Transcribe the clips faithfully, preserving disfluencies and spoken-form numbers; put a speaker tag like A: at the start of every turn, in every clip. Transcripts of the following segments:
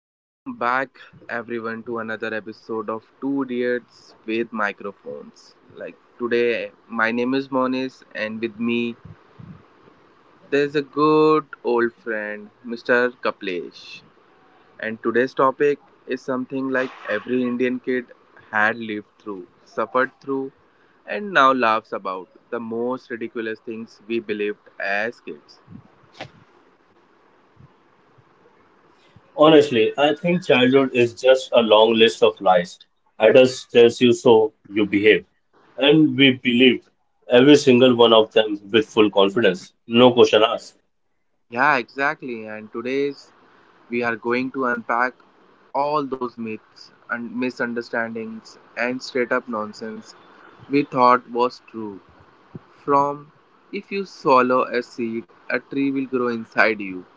A: So, welcome back everyone to another episode of Two Idiots with Microphones. Like today, my name is Monis, and with me, there's a good old friend, Mister Kaplesh. And today's topic is something like every Indian kid had lived through, suffered through, and now laughs about the most ridiculous things we believed as kids.
B: Honestly, I think childhood is just a long list of lies. Adults tells you so, you behave. And we believe every single one of them with full confidence, no question asked.
A: Yeah, exactly. And today's We are going to unpack all those myths and misunderstandings and straight up nonsense we thought was true. From if you swallow a seed, a tree will grow inside you,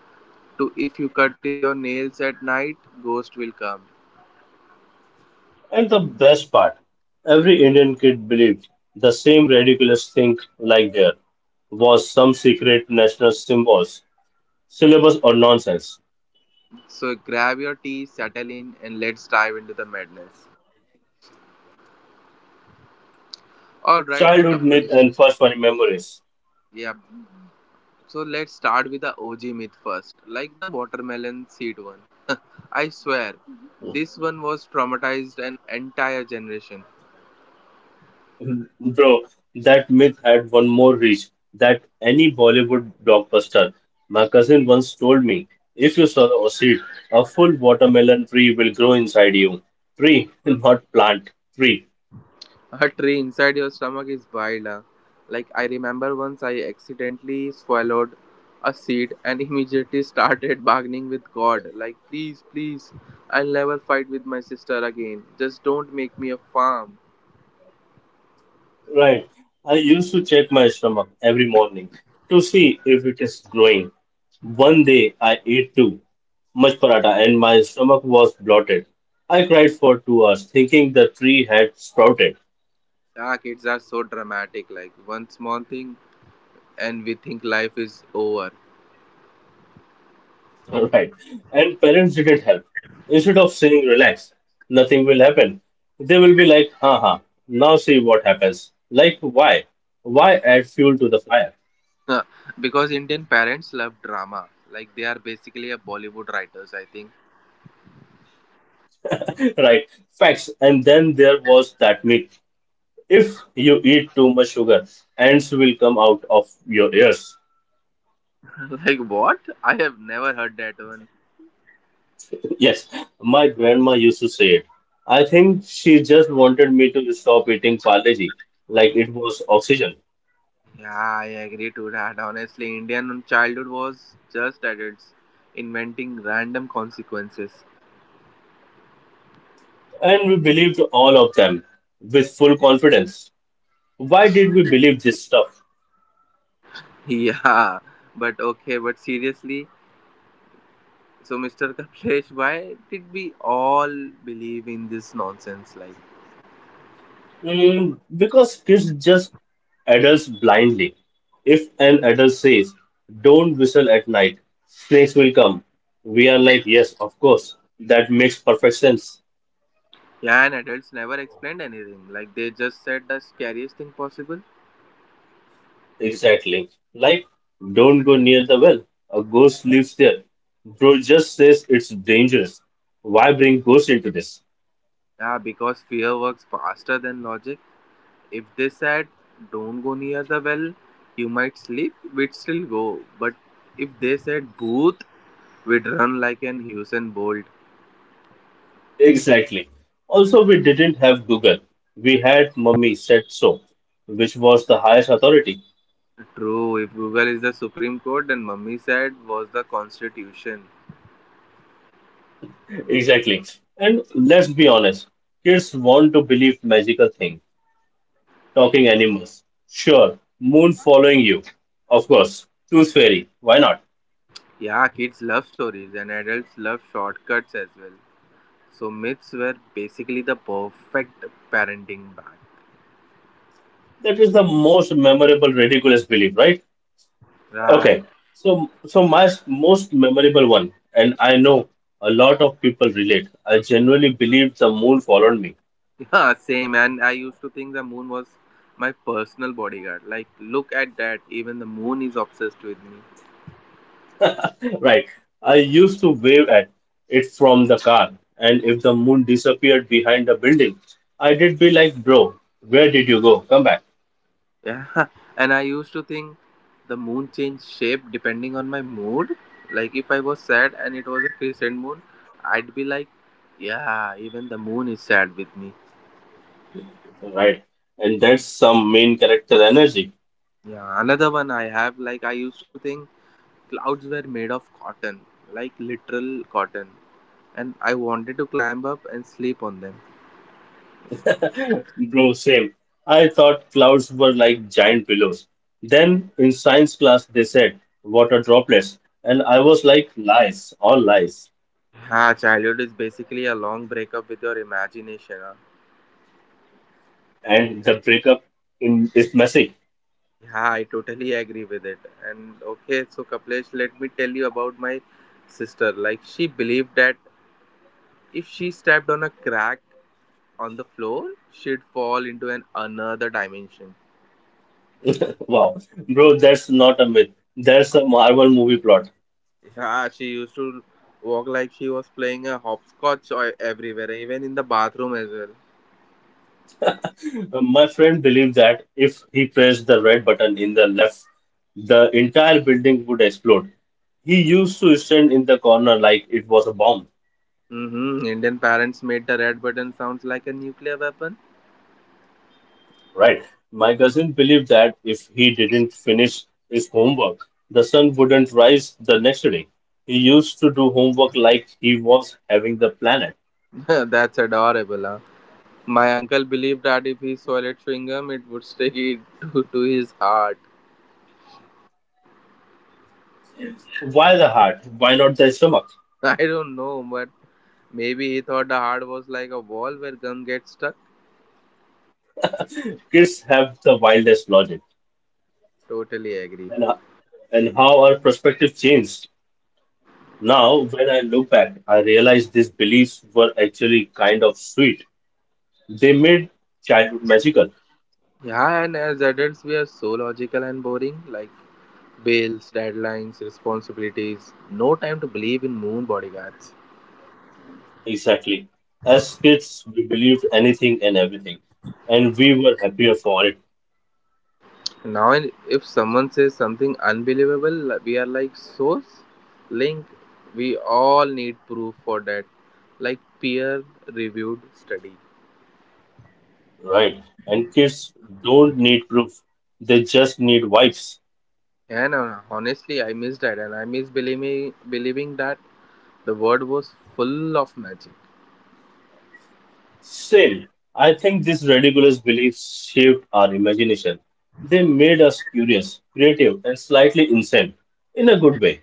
A: to if you cut your nails at night, ghost will come.
B: And the best part, every Indian kid believed the same ridiculous thing like there was some secret national symbols, syllabus or nonsense.
A: So grab your tea, settle in, and let's dive into the madness. All right,
B: Childhood myth
A: Kapilesh.
B: and first funny memories.
A: Yeah. So let's start with the O G myth first, like the watermelon seed one. I swear, this one was traumatized an entire generation.
B: Bro, that myth had one more reach that any Bollywood blockbuster. My cousin once told me, if you sow a seed, a full watermelon tree will grow inside you. Tree, not plant. Tree.
A: A tree inside your stomach is wild, huh? Like, I remember once I accidentally swallowed a seed and immediately started bargaining with God. Like, please, please, I'll never fight with my sister again. Just don't make me a farm.
B: Right. I used to check my stomach every morning to see if it is growing. One day I ate too much paratha and my stomach was bloated. I cried for two hours thinking the tree had sprouted.
A: Ah, kids are so dramatic. Like, one small thing and we think life is over.
B: All Right. And parents didn't help. Instead of saying, relax, nothing will happen, they will be like, haha, now see what happens. Like, why? Why add fuel to the fire?
A: Because Indian parents love drama. Like, they are basically a Bollywood writers, I think.
B: right. Facts. And then there was that myth. If you eat too much sugar, ants will come out of your ears.
A: Like what? I have never heard that one.
B: yes, my grandma used to say it. I think she just wanted me to stop eating Parleji, like it was oxygen.
A: Yeah, I agree to that. Honestly, Indian childhood was just at its inventing random consequences.
B: And we believed all of them with full confidence. Why did we believe this stuff?
A: Yeah, but okay, but seriously, so Mister Kaplesh, why did we all believe in this nonsense? Like,
B: Mm, because kids just adults blindly. If an adult says, don't whistle at night, snakes will come, we are like, yes, of course, that makes perfect sense.
A: yeah, and adults never explained anything. Like, they just said the scariest thing possible.
B: Exactly. Like, don't go near the well, a ghost lives there. Bro just says it's dangerous. Why bring ghosts into this?
A: Yeah, because fear works faster than logic. If they said, don't go near the well, you might sleep, we'd still go. But if they said, Booth, we'd run like an Usain Bolt.
B: Exactly. Also, we didn't have Google. We had Mummy said so, which was the highest authority.
A: True, if Google is the Supreme Court, then Mummy said was the Constitution.
B: Exactly. And let's be honest, kids want to believe magical thing, talking animals. Sure, moon following you. Of course, tooth fairy. Why not?
A: Yeah, kids love stories and adults love shortcuts as well. So myths were basically the perfect parenting bag.
B: That is the most memorable ridiculous belief, right?
A: Right.
B: Okay. So so my s- most memorable one and I know a lot of people relate. I genuinely believed the moon followed me.
A: Yeah, same. And I used to think the moon was my personal bodyguard. Like, look at that. Even the moon is obsessed with me.
B: Right. I used to wave at it from the car, and if the moon disappeared behind the building, I did be like, bro, where did you go? Come back.
A: Yeah, and I used to think the moon changed shape depending on my mood. Like if I was sad and it was a crescent moon, I'd be like, yeah, even the moon is sad with me.
B: Right. And that's some main character energy.
A: Yeah, another one I have, like I used to think clouds were made of cotton, like literal cotton, and I wanted to climb up and sleep on them.
B: Bro, same. I thought clouds were like giant pillows. Then in science class, they said water droplets, and I was like, lies, all lies.
A: Ah, childhood is basically a long breakup with your imagination, huh?
B: And the breakup in is messy.
A: Yeah, I totally agree with it. And okay, so Kaplesh, let me tell you about my sister. Like, she believed that if she stepped on a crack on the floor, she'd fall into an another dimension.
B: Wow, bro, that's not a myth. That's a Marvel movie plot.
A: Yeah, she used to walk like she was playing a hopscotch or everywhere, even in the bathroom as well.
B: Uh, My friend believed that if he pressed the red button in the left, the entire building would explode. He used to stand in the corner like it was a bomb,
A: Mm-hmm. Indian parents made the red button sounds like a nuclear weapon.
B: right? My cousin believed that if he didn't finish his homework, the sun wouldn't rise the next day. He used to do homework like he was having the planet.
A: That's adorable, huh? My uncle believed that if he swallowed chewing gum, it would stick it to, to his heart.
B: Why the heart? Why not the stomach?
A: I don't know, but maybe he thought the heart was like a wall where gum gets stuck.
B: Kids have the wildest logic.
A: Totally agree.
B: And, and how our perspective changed. Now, when I look back, I realize these beliefs were actually kind of sweet. They made childhood magical.
A: Yeah, and as adults, we are so logical and boring, like bills, deadlines, responsibilities, no time to believe in moon bodyguards.
B: Exactly. As kids, we believed anything and everything, and we were happier for it,
A: Now, in- if someone says something unbelievable, we are like, source, link, we all need proof for that, like peer reviewed study.
B: right? And kids don't need proof, they just need vibes.
A: And uh, honestly, I miss that, and I miss believing, believing that the world was full of magic.
B: Same. I think these ridiculous beliefs shaped our imagination. They made us curious, creative, and slightly insane in a good way.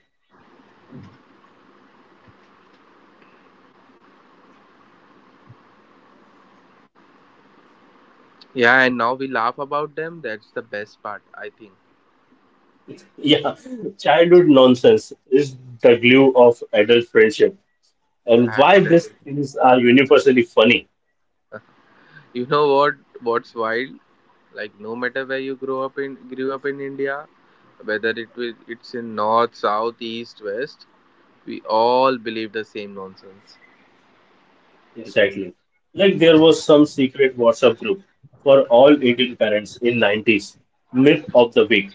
A: Yeah, and now we laugh about them. That's the best part, I think.
B: Yeah, childhood nonsense is the glue of adult friendship, and
A: Yeah,
B: why these
A: totally.
B: things are universally funny.
A: You know what? What's wild? Like no matter where you grow up in, grew up in India, whether it will, it's in north, south, east, west, we all believe the same nonsense.
B: Exactly, like there was some secret WhatsApp group for all Indian parents in nineties. Myth of the week: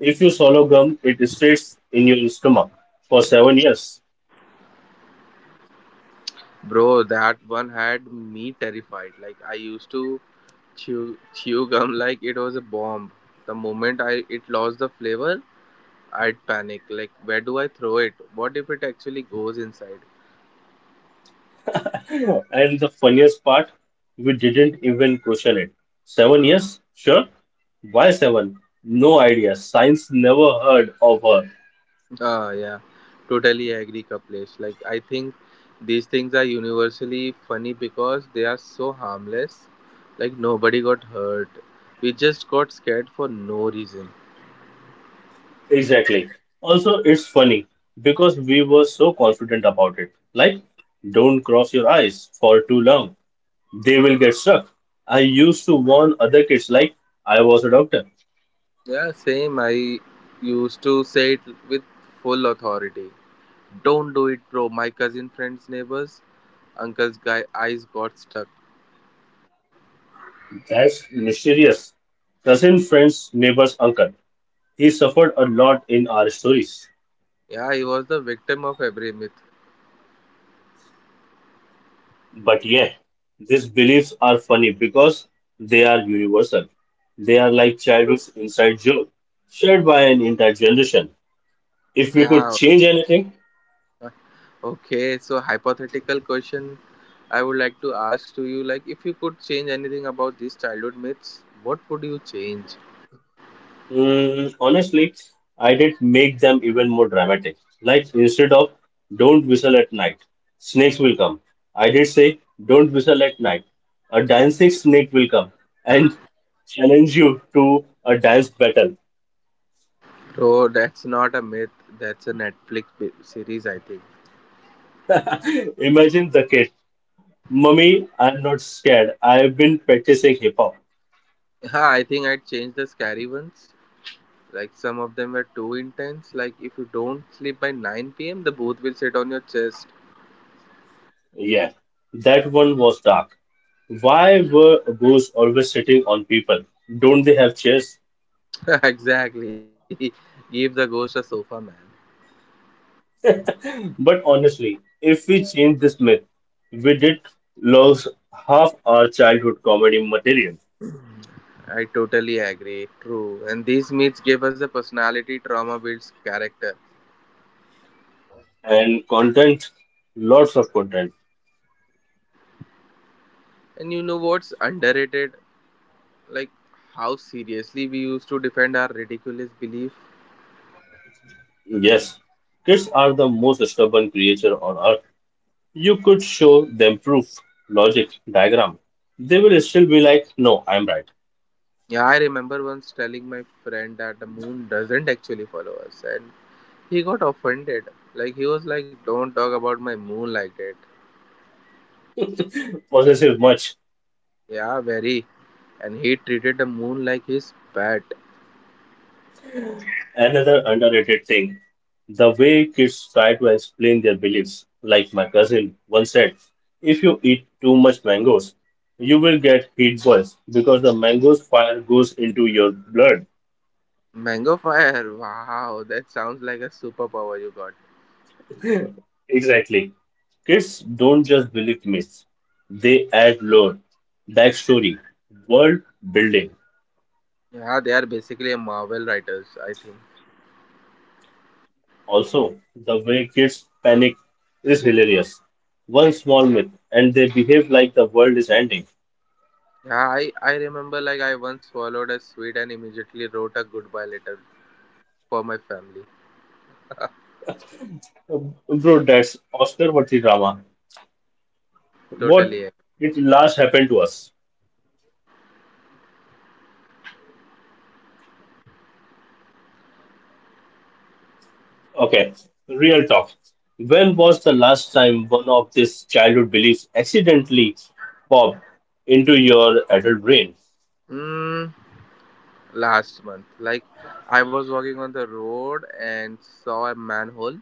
B: if you swallow gum, it stays in your stomach for seven years.
A: Bro, that one had me terrified. Like I used to chew chew gum like it was a bomb. The moment I it lost the flavor, I'd panic. Like, where do I throw it? What if it actually goes inside?
B: And the funniest part, we didn't even question it. Seven years? Sure. Why seven? No idea. Science never heard of her.
A: Ah, yeah, totally agree, Kaplesh. Like, I think these things are universally funny because they are so harmless. Like, nobody got hurt. We just got scared for no reason.
B: Exactly. Also, it's funny because we were so confident about it. Like, don't cross your eyes for too long, they will get stuck. I used to warn other kids like I was a doctor.
A: Yeah, same. I used to say it with full authority. Don't do it, bro. My cousin friend's neighbor's uncle's guy eyes got stuck.
B: That's mysterious. Cousin, friends, neighbors, uncle. He suffered a lot in our stories.
A: Yeah, he was the victim of every myth.
B: But yeah, these beliefs are funny because they are universal. They are like childhood's inside joke, shared by an entire generation. If we could
A: Yeah,
B: change anything,
A: okay, so hypothetical question I would like to ask to you, like if you could change anything about these childhood myths, what would you change?
B: Mm, honestly, I did make them even more dramatic. Like instead of "Don't whistle at night, snakes will come," I did say "Don't whistle at night, a dancing snake will come and challenge you to a dance battle."
A: Bro, that's not a myth, that's a Netflix bi- series, I think.
B: Imagine the kid, "Mummy, I'm not scared. I've been practicing hip hop."
A: Yeah, I think I'd change the scary ones. Like some of them were too intense. Like if you don't sleep by nine p m, the booth will sit on your chest.
B: Yeah, that one was dark. Why were ghosts always sitting on people? Don't they have chairs?
A: Exactly. Give the ghost a sofa, man.
B: But honestly, if we change this myth, we did lose half our childhood comedy material
A: Mm, I totally agree. True. And these myths gave us a personality, trauma builds character.
B: and content, lots of content.
A: And you know what's underrated? Like how seriously we used to defend our ridiculous belief.
B: Yes, kids are the most stubborn creature on earth. You could show them proof, logic, diagram. They will still be like, no, I'm right.
A: Yeah, I remember once telling my friend that the moon doesn't actually follow us, and he got offended. Like he was like, "Don't talk about my moon like that."
B: Possessive much.
A: Yeah, very. And he treated the moon like his pet.
B: Another underrated thing, the way kids try to explain their beliefs. Like my cousin once said, if you eat too much mangoes, you will get heat boils because the mango's fire goes into your blood.
A: Mango fire. Wow, that sounds like a superpower you got.
B: Exactly. Kids don't just believe myths, they add lore, backstory, world building.
A: Yeah, they are basically a Marvel writers, I think.
B: Also, the way kids panic is hilarious. One small myth, and they behave like the world is ending.
A: Yeah, I, I remember, like I once swallowed a sweet and immediately wrote a goodbye letter for my family.
B: Uh, Bro, that's Oscar worthy drama. What
A: Totally. Yeah.
B: did last happen to us? Okay, real talk. When was the last time one of these childhood beliefs accidentally popped into your adult brain?
A: Mm, last month, like I was walking on the road and saw a manhole,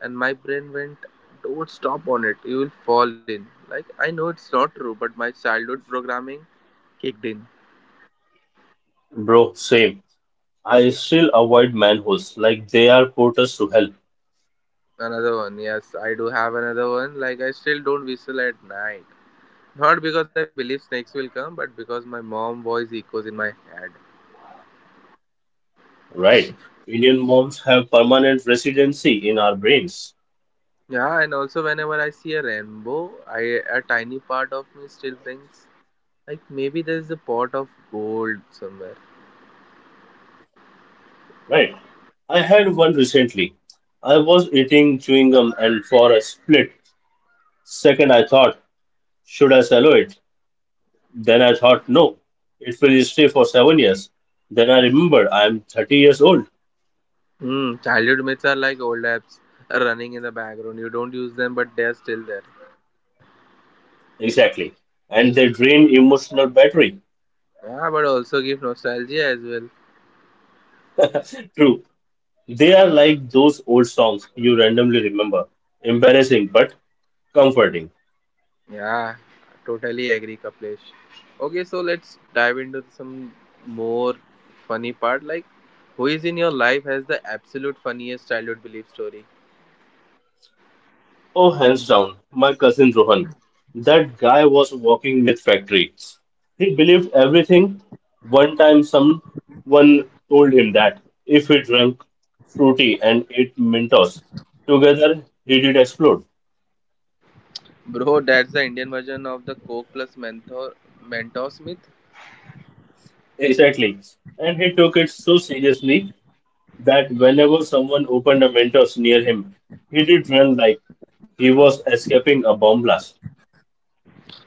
A: and my brain went, "Don't stop on it. You will fall in." Like I know it's not true, but my childhood programming kicked in.
B: Bro, same. I still avoid manholes like they are portals to hell,
A: Another one, yes, I do have another one. Like I still don't whistle at night, not because I believe snakes will come, but because my mom voice echoes in my head.
B: right? Indian moms have permanent residency in our brains,
A: Yeah, and also whenever I see a rainbow, I a tiny part of me still thinks, like maybe there's a pot of gold somewhere.
B: right? I had one recently. I was eating chewing gum and for a split second I thought should I swallow it? Then I thought, no, it will stay for seven years. Then I remembered I am thirty years old.
A: Mm, childhood myths are like old apps running in the background. You don't use them, but they're still there.
B: Exactly. And they drain emotional battery.
A: Yeah, but also give nostalgia as well.
B: True. They are like those old songs you randomly remember. Embarrassing but comforting.
A: Yeah, totally agree, Kaplesh. Okay, so let's dive into some more funny part. Like, who is in your life has the absolute funniest childhood belief story?
B: Oh, hands down, my cousin Rohan. That guy was walking myth factory. He believed everything. One time, someone told him that if he drank fruity and ate Mentos together, he did explode.
A: Bro, that's the Indian version of the Coke plus Menthol Mentos myth.
B: Exactly. And he took it so seriously that whenever someone opened a Mentos near him, he did run like he was escaping a bomb blast.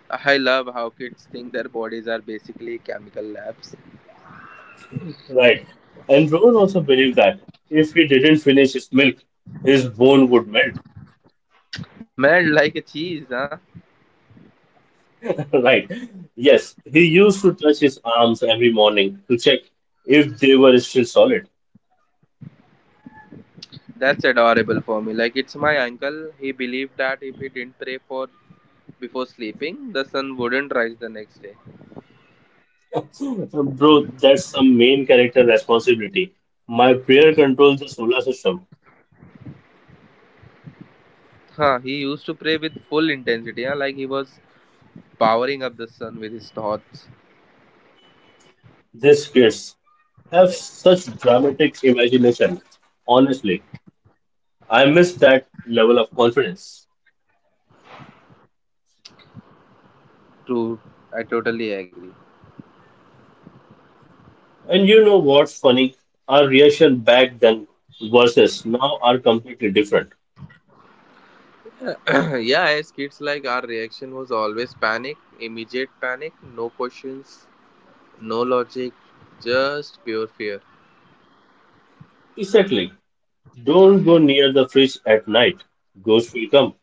A: I love how kids think their bodies are basically chemical labs.
B: Right. And Rowan also believed that if he didn't finish his milk, his bone would melt.
A: Melt like a cheese, huh?
B: right. Yes, he used to touch his arms every morning to check if they were still solid.
A: That's adorable for me. Like it's my uncle. He believed that if he didn't pray for before sleeping, the sun wouldn't rise the next day.
B: So, bro, that's the main character responsibility. My prayer controls the solar system.
A: Huh, he used to pray with full intensity, huh? Like he was powering up the sun with his thoughts.
B: These kids have such dramatic imagination. Honestly, I miss that level of confidence.
A: True, I totally agree.
B: And you know what's funny? Our reaction back then versus now are completely different.
A: Yeah, as kids, like our reaction was always panic, immediate panic, no questions, no logic, just pure fear.
B: Exactly. Don't go near the fridge at night. Ghosts will come.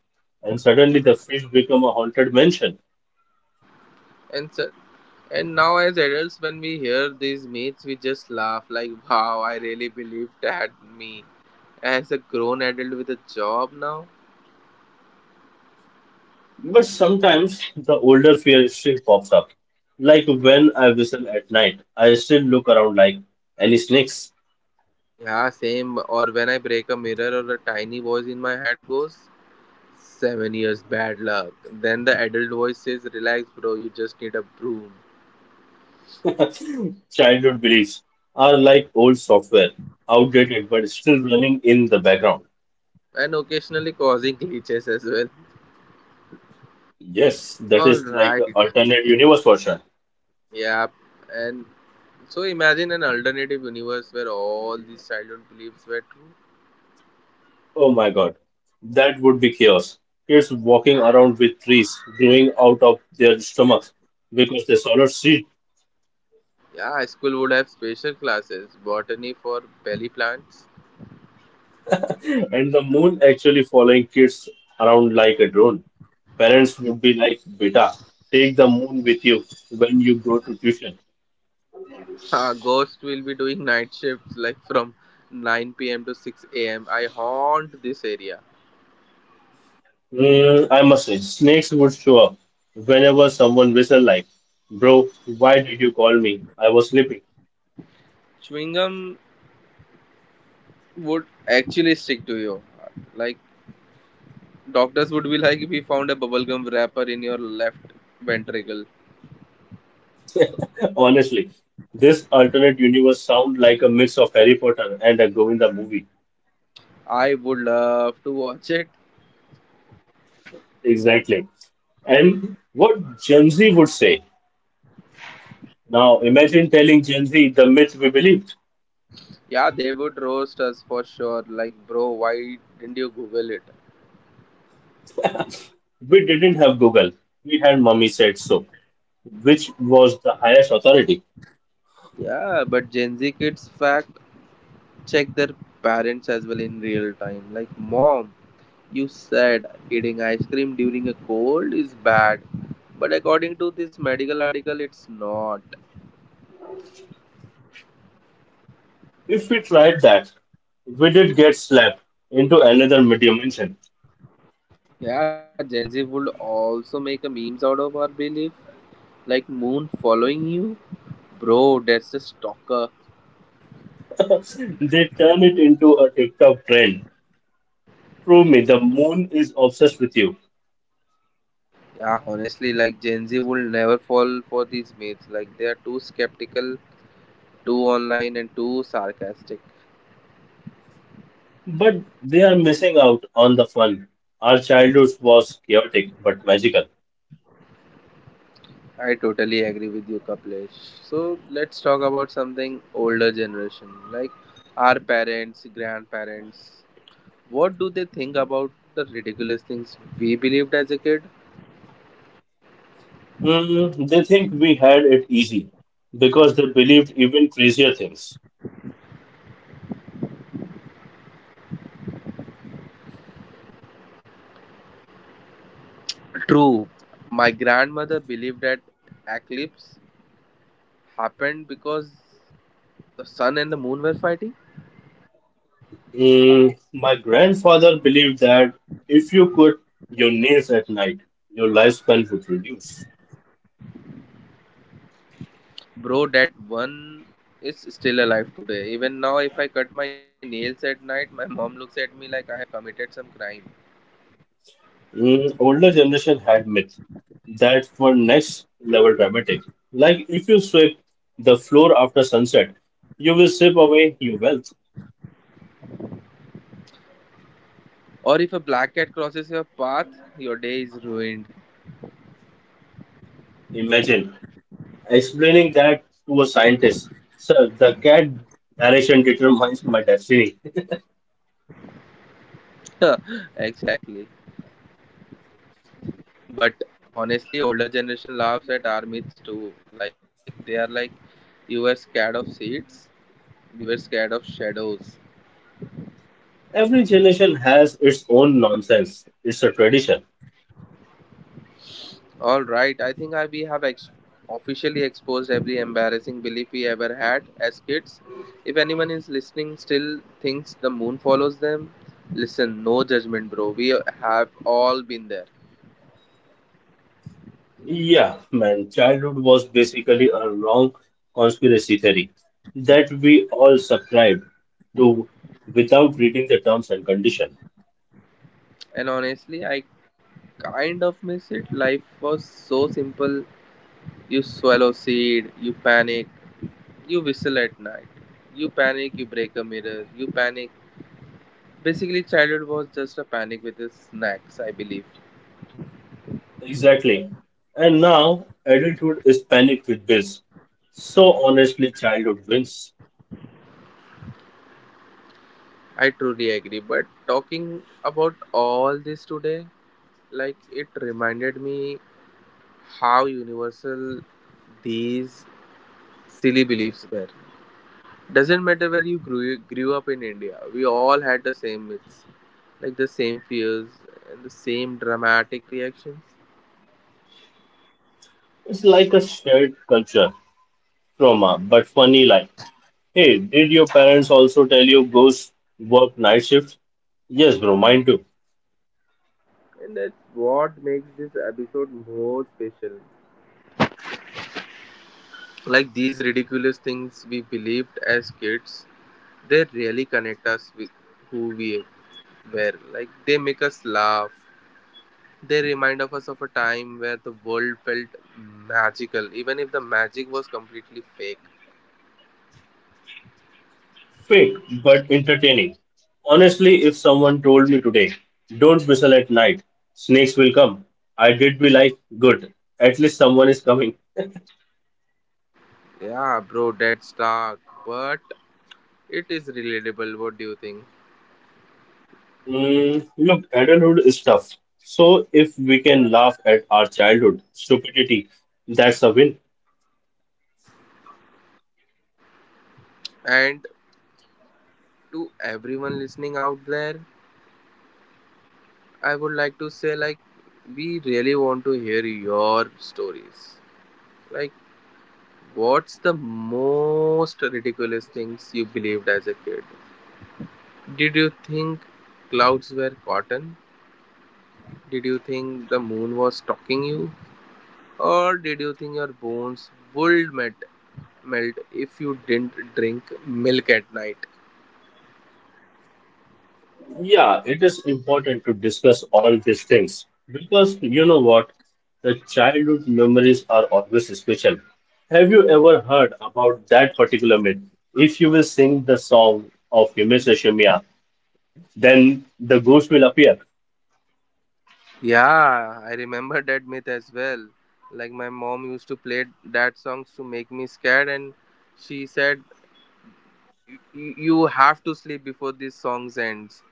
B: And suddenly the fridge become a haunted mansion.
A: And so, And now, as adults, when we hear these myths, we just laugh like, wow, I really believed that me. As a grown adult with a job now?
B: But sometimes the older fear still pops up. Like when I whistle at night, I still look around like any snakes.
A: Yeah, same. Or when I break a mirror or a tiny voice in my head goes, seven years bad luck. Then the adult voice says, relax, bro, you just need a broom.
B: Childhood beliefs are like old software, outdated but still running in the background.
A: And occasionally causing glitches as well.
B: Yes, that is like a
A: Alright.
B: alternate universe version.
A: Yeah. And so imagine an alternative universe where all these childhood beliefs were true.
B: Oh my god. That would be chaos. Kids walking around with trees growing out of their stomachs because they swallowed seed
A: Yeah, school would have special classes, botany for belly plants.
B: and the moon actually following kids around like a drone. Parents would be like, Beta, take the moon with you when you go to tuition.
A: Uh, ghost will be doing night shifts like from nine p m to six a m. I haunt this area.
B: Mm, I must say, snakes would show up whenever someone whistled like, bro, why did you call me? I was sleeping.
A: Chewing gum would actually stick to you. Like, doctors would be like, we found a bubblegum wrapper in your left ventricle.
B: Honestly, this alternate universe sound like a mix of Harry Potter and a Govinda movie.
A: I would love to watch it.
B: Exactly. And what Gen Z would say. Now imagine telling Gen Z the myth we believed.
A: Yeah, they would roast us for sure. Like, bro, why didn't you Google it?
B: We didn't have Google. We had Mummy said so, which was the highest authority.
A: Yeah, but Gen Z kids fact check their parents as well in real time. Like, mom, you said eating ice cream during a cold is bad, but according to this medical article, it's not.
B: If we tried that, we did get slapped into another dimension.
A: Yeah, Gen Z would also make a memes out of our belief, like moon following you, bro. That's a stalker.
B: They turn it into a TikTok trend. Prove me the moon is obsessed with you.
A: Yeah, honestly, like Gen Z will never fall for these myths. Like they are too skeptical, too online, and too sarcastic.
B: But they are missing out on the fun. Our childhood was chaotic but magical.
A: I totally agree with you, Kaplesh. So let's talk about something older generation, like our parents, grandparents. What do they think about the ridiculous things we believed as a kid?
B: Mm, they think we had it easy because they believed even crazier things.
A: True, my grandmother believed that eclipse happened because the sun and the moon were fighting.
B: Mm, my grandfather believed that if you cut your nails at night, your lifespan would reduce.
A: Bro, that one is still alive today. Even now, if I cut my nails at night, my mom looks at me like I have committed some crime.
B: Mm, older generation had myth that were next level dramatic. Like if you sweep the floor after sunset, you will sweep away your wealth.
A: Or if a black cat crosses your path, your day is ruined.
B: Imagine explaining that to a scientist, sir, the cat direction determines my destiny.
A: Exactly. But honestly, older generation laughs at our myths too. Like they are like, you were scared of seeds, we were scared of shadows.
B: Every generation has its own nonsense. It's a tradition.
A: All right, I think I we have ex- officially exposed every embarrassing belief we ever had as kids. If anyone is listening still thinks the moon follows them, listen, no judgment, bro. We have all been there.
B: Yeah, man, childhood was basically a long conspiracy theory that we all subscribed to without reading the terms and condition.
A: And honestly, I kind of miss it. Life was so simple. You swallow seed, you panic, you whistle at night, you panic, you break a mirror, you panic. Basically, childhood was just a panic with its snacks, I believe.
B: Exactly. And now adulthood is panicked with bills. So honestly, childhood wins.
A: I truly agree. But talking about all this today, like it reminded me how universal these silly beliefs were. Doesn't matter where you grew, grew up in India, we all had the same myths, like the same fears and the same dramatic reactions.
B: It's like a shared culture trauma, but funny life. Hey, did your parents also tell you ghosts work night shifts? Yes, bro, mine too.
A: And that's what makes this episode more special. Like these ridiculous things we believed as kids, they really connect us with who we were. Like they make us laugh. They remind of us of a time where the world felt magical, even if the magic was completely fake.
B: Fake, but entertaining. Honestly, if someone told me today, don't whistle at night, snakes will come, I did be like, good, at least someone is coming.
A: Yeah, bro, that's dark, but it is relatable. What do you think?
B: Mm, look, adulthood is tough. So if we can laugh at our childhood stupidity, that's a win.
A: And to everyone listening out there, I would like to say like we really want to hear your stories. Like what's the most ridiculous things you believed as a kid? Did you think clouds were cotton? Did you think the moon was stalking you? Or did you think your bones would melt melt if you didn't drink milk at night?
B: Yeah, it is important to discuss all these things because you know what? The childhood memories are always special. Have you ever heard about that particular myth? If you will sing the song of Himesh Reshammiya, then the ghost will appear.
A: Yeah, I remember that myth as well. Like my mom used to play that songs to make me scared, and she said you, you have to sleep before this song ends,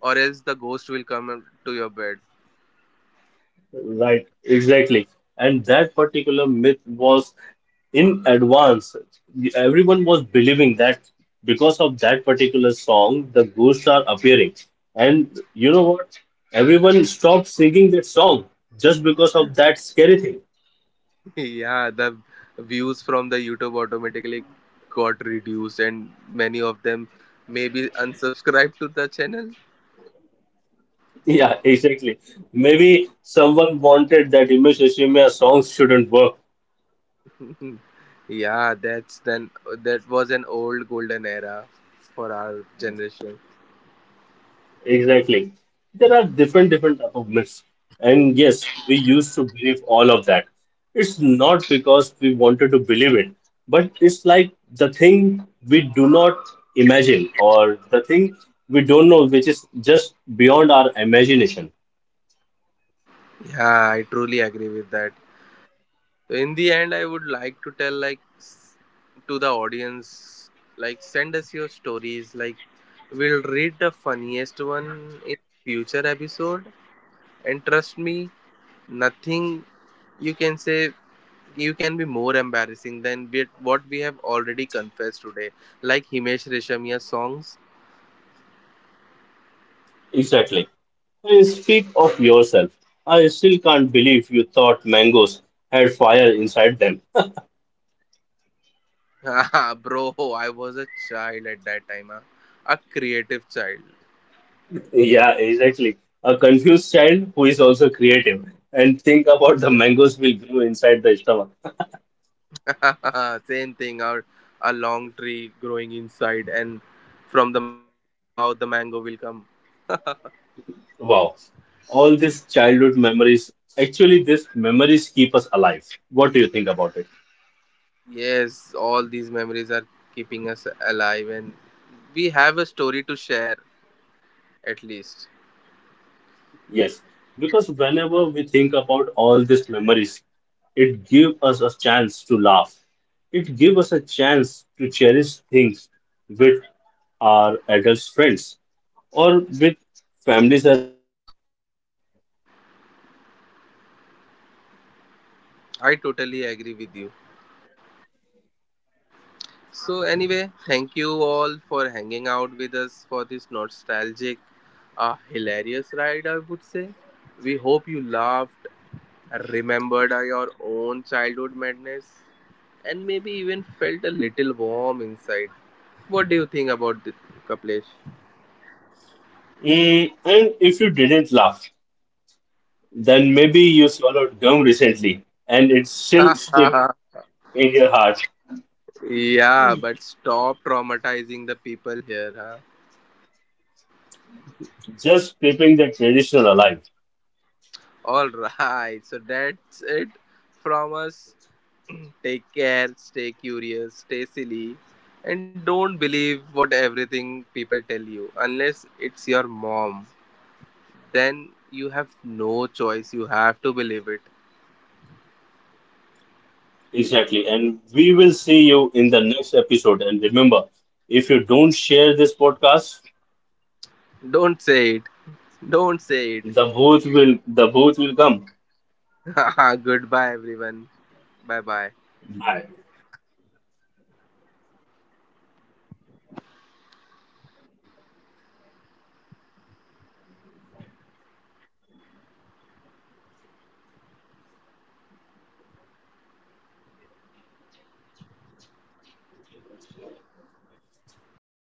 A: or else the ghost will come to your bed.
B: Right, exactly. And that particular myth was in advance. Everyone was believing that because of that particular song, the ghosts are appearing. And you know what? Everyone stopped singing that song just because of that scary thing.
A: Yeah, the views from the YouTube automatically got reduced, and many of them maybe unsubscribed to the channel.
B: Yeah, exactly. Maybe someone wanted that Image Ashimiya song shouldn't work.
A: Yeah, that's then that was an old golden era for our generation.
B: Exactly. There are different different type of myths. And yes, we used to believe all of that. It's not because we wanted to believe it, but it's like the thing we do not imagine or the thing we don't know which is just beyond our imagination.
A: Yeah, I truly agree with that. So, in the end, I would like to tell like s- to the audience, like send us your stories. Like we'll read the funniest one in future episode, and trust me, nothing you can say, you can be more embarrassing than we- what we have already confessed today. Like Himesh Reshamia songs.
B: Exactly. And speak of yourself. I still can't believe you thought mangoes had fire inside them.
A: Bro, I was a child at that time. Huh? A creative child.
B: Yeah, exactly. A confused child who is also creative. And think about the mangoes will grow inside the stomach.
A: Same thing, our a long tree growing inside, and from the mouth the mango will come.
B: Wow. All these childhood memories, actually, these memories keep us alive. What do you think about it?
A: Yes, all these memories are keeping us alive, and we have a story to share at least.
B: Yes. Because whenever we think about all these memories, it gives us a chance to laugh. It gives us a chance to cherish things with our adult friends or with families as well.
A: I totally agree with you. So, anyway, thank you all for hanging out with us for this nostalgic, uh, hilarious ride, I would say. We hope you laughed, remembered uh, your own childhood madness, and maybe even felt a little warm inside. What do you think about this, Kaplesh?
B: Mm, and if you didn't laugh, then maybe you swallowed gum recently and it's still stuck in your heart,
A: Yeah, but stop traumatizing the people here, huh?
B: just keeping the tradition alive.
A: All right, so that's it from us. Take care, stay curious, stay silly, and don't believe what everything people tell you unless it's your mom. Then you have no choice, you have to believe it.
B: Exactly. And we will see you in the next episode. And remember, if you don't share this podcast,
A: Don't say it, don't say it.
B: the booth will the booth will come.
A: Goodbye, everyone. Bye bye.
B: Bye.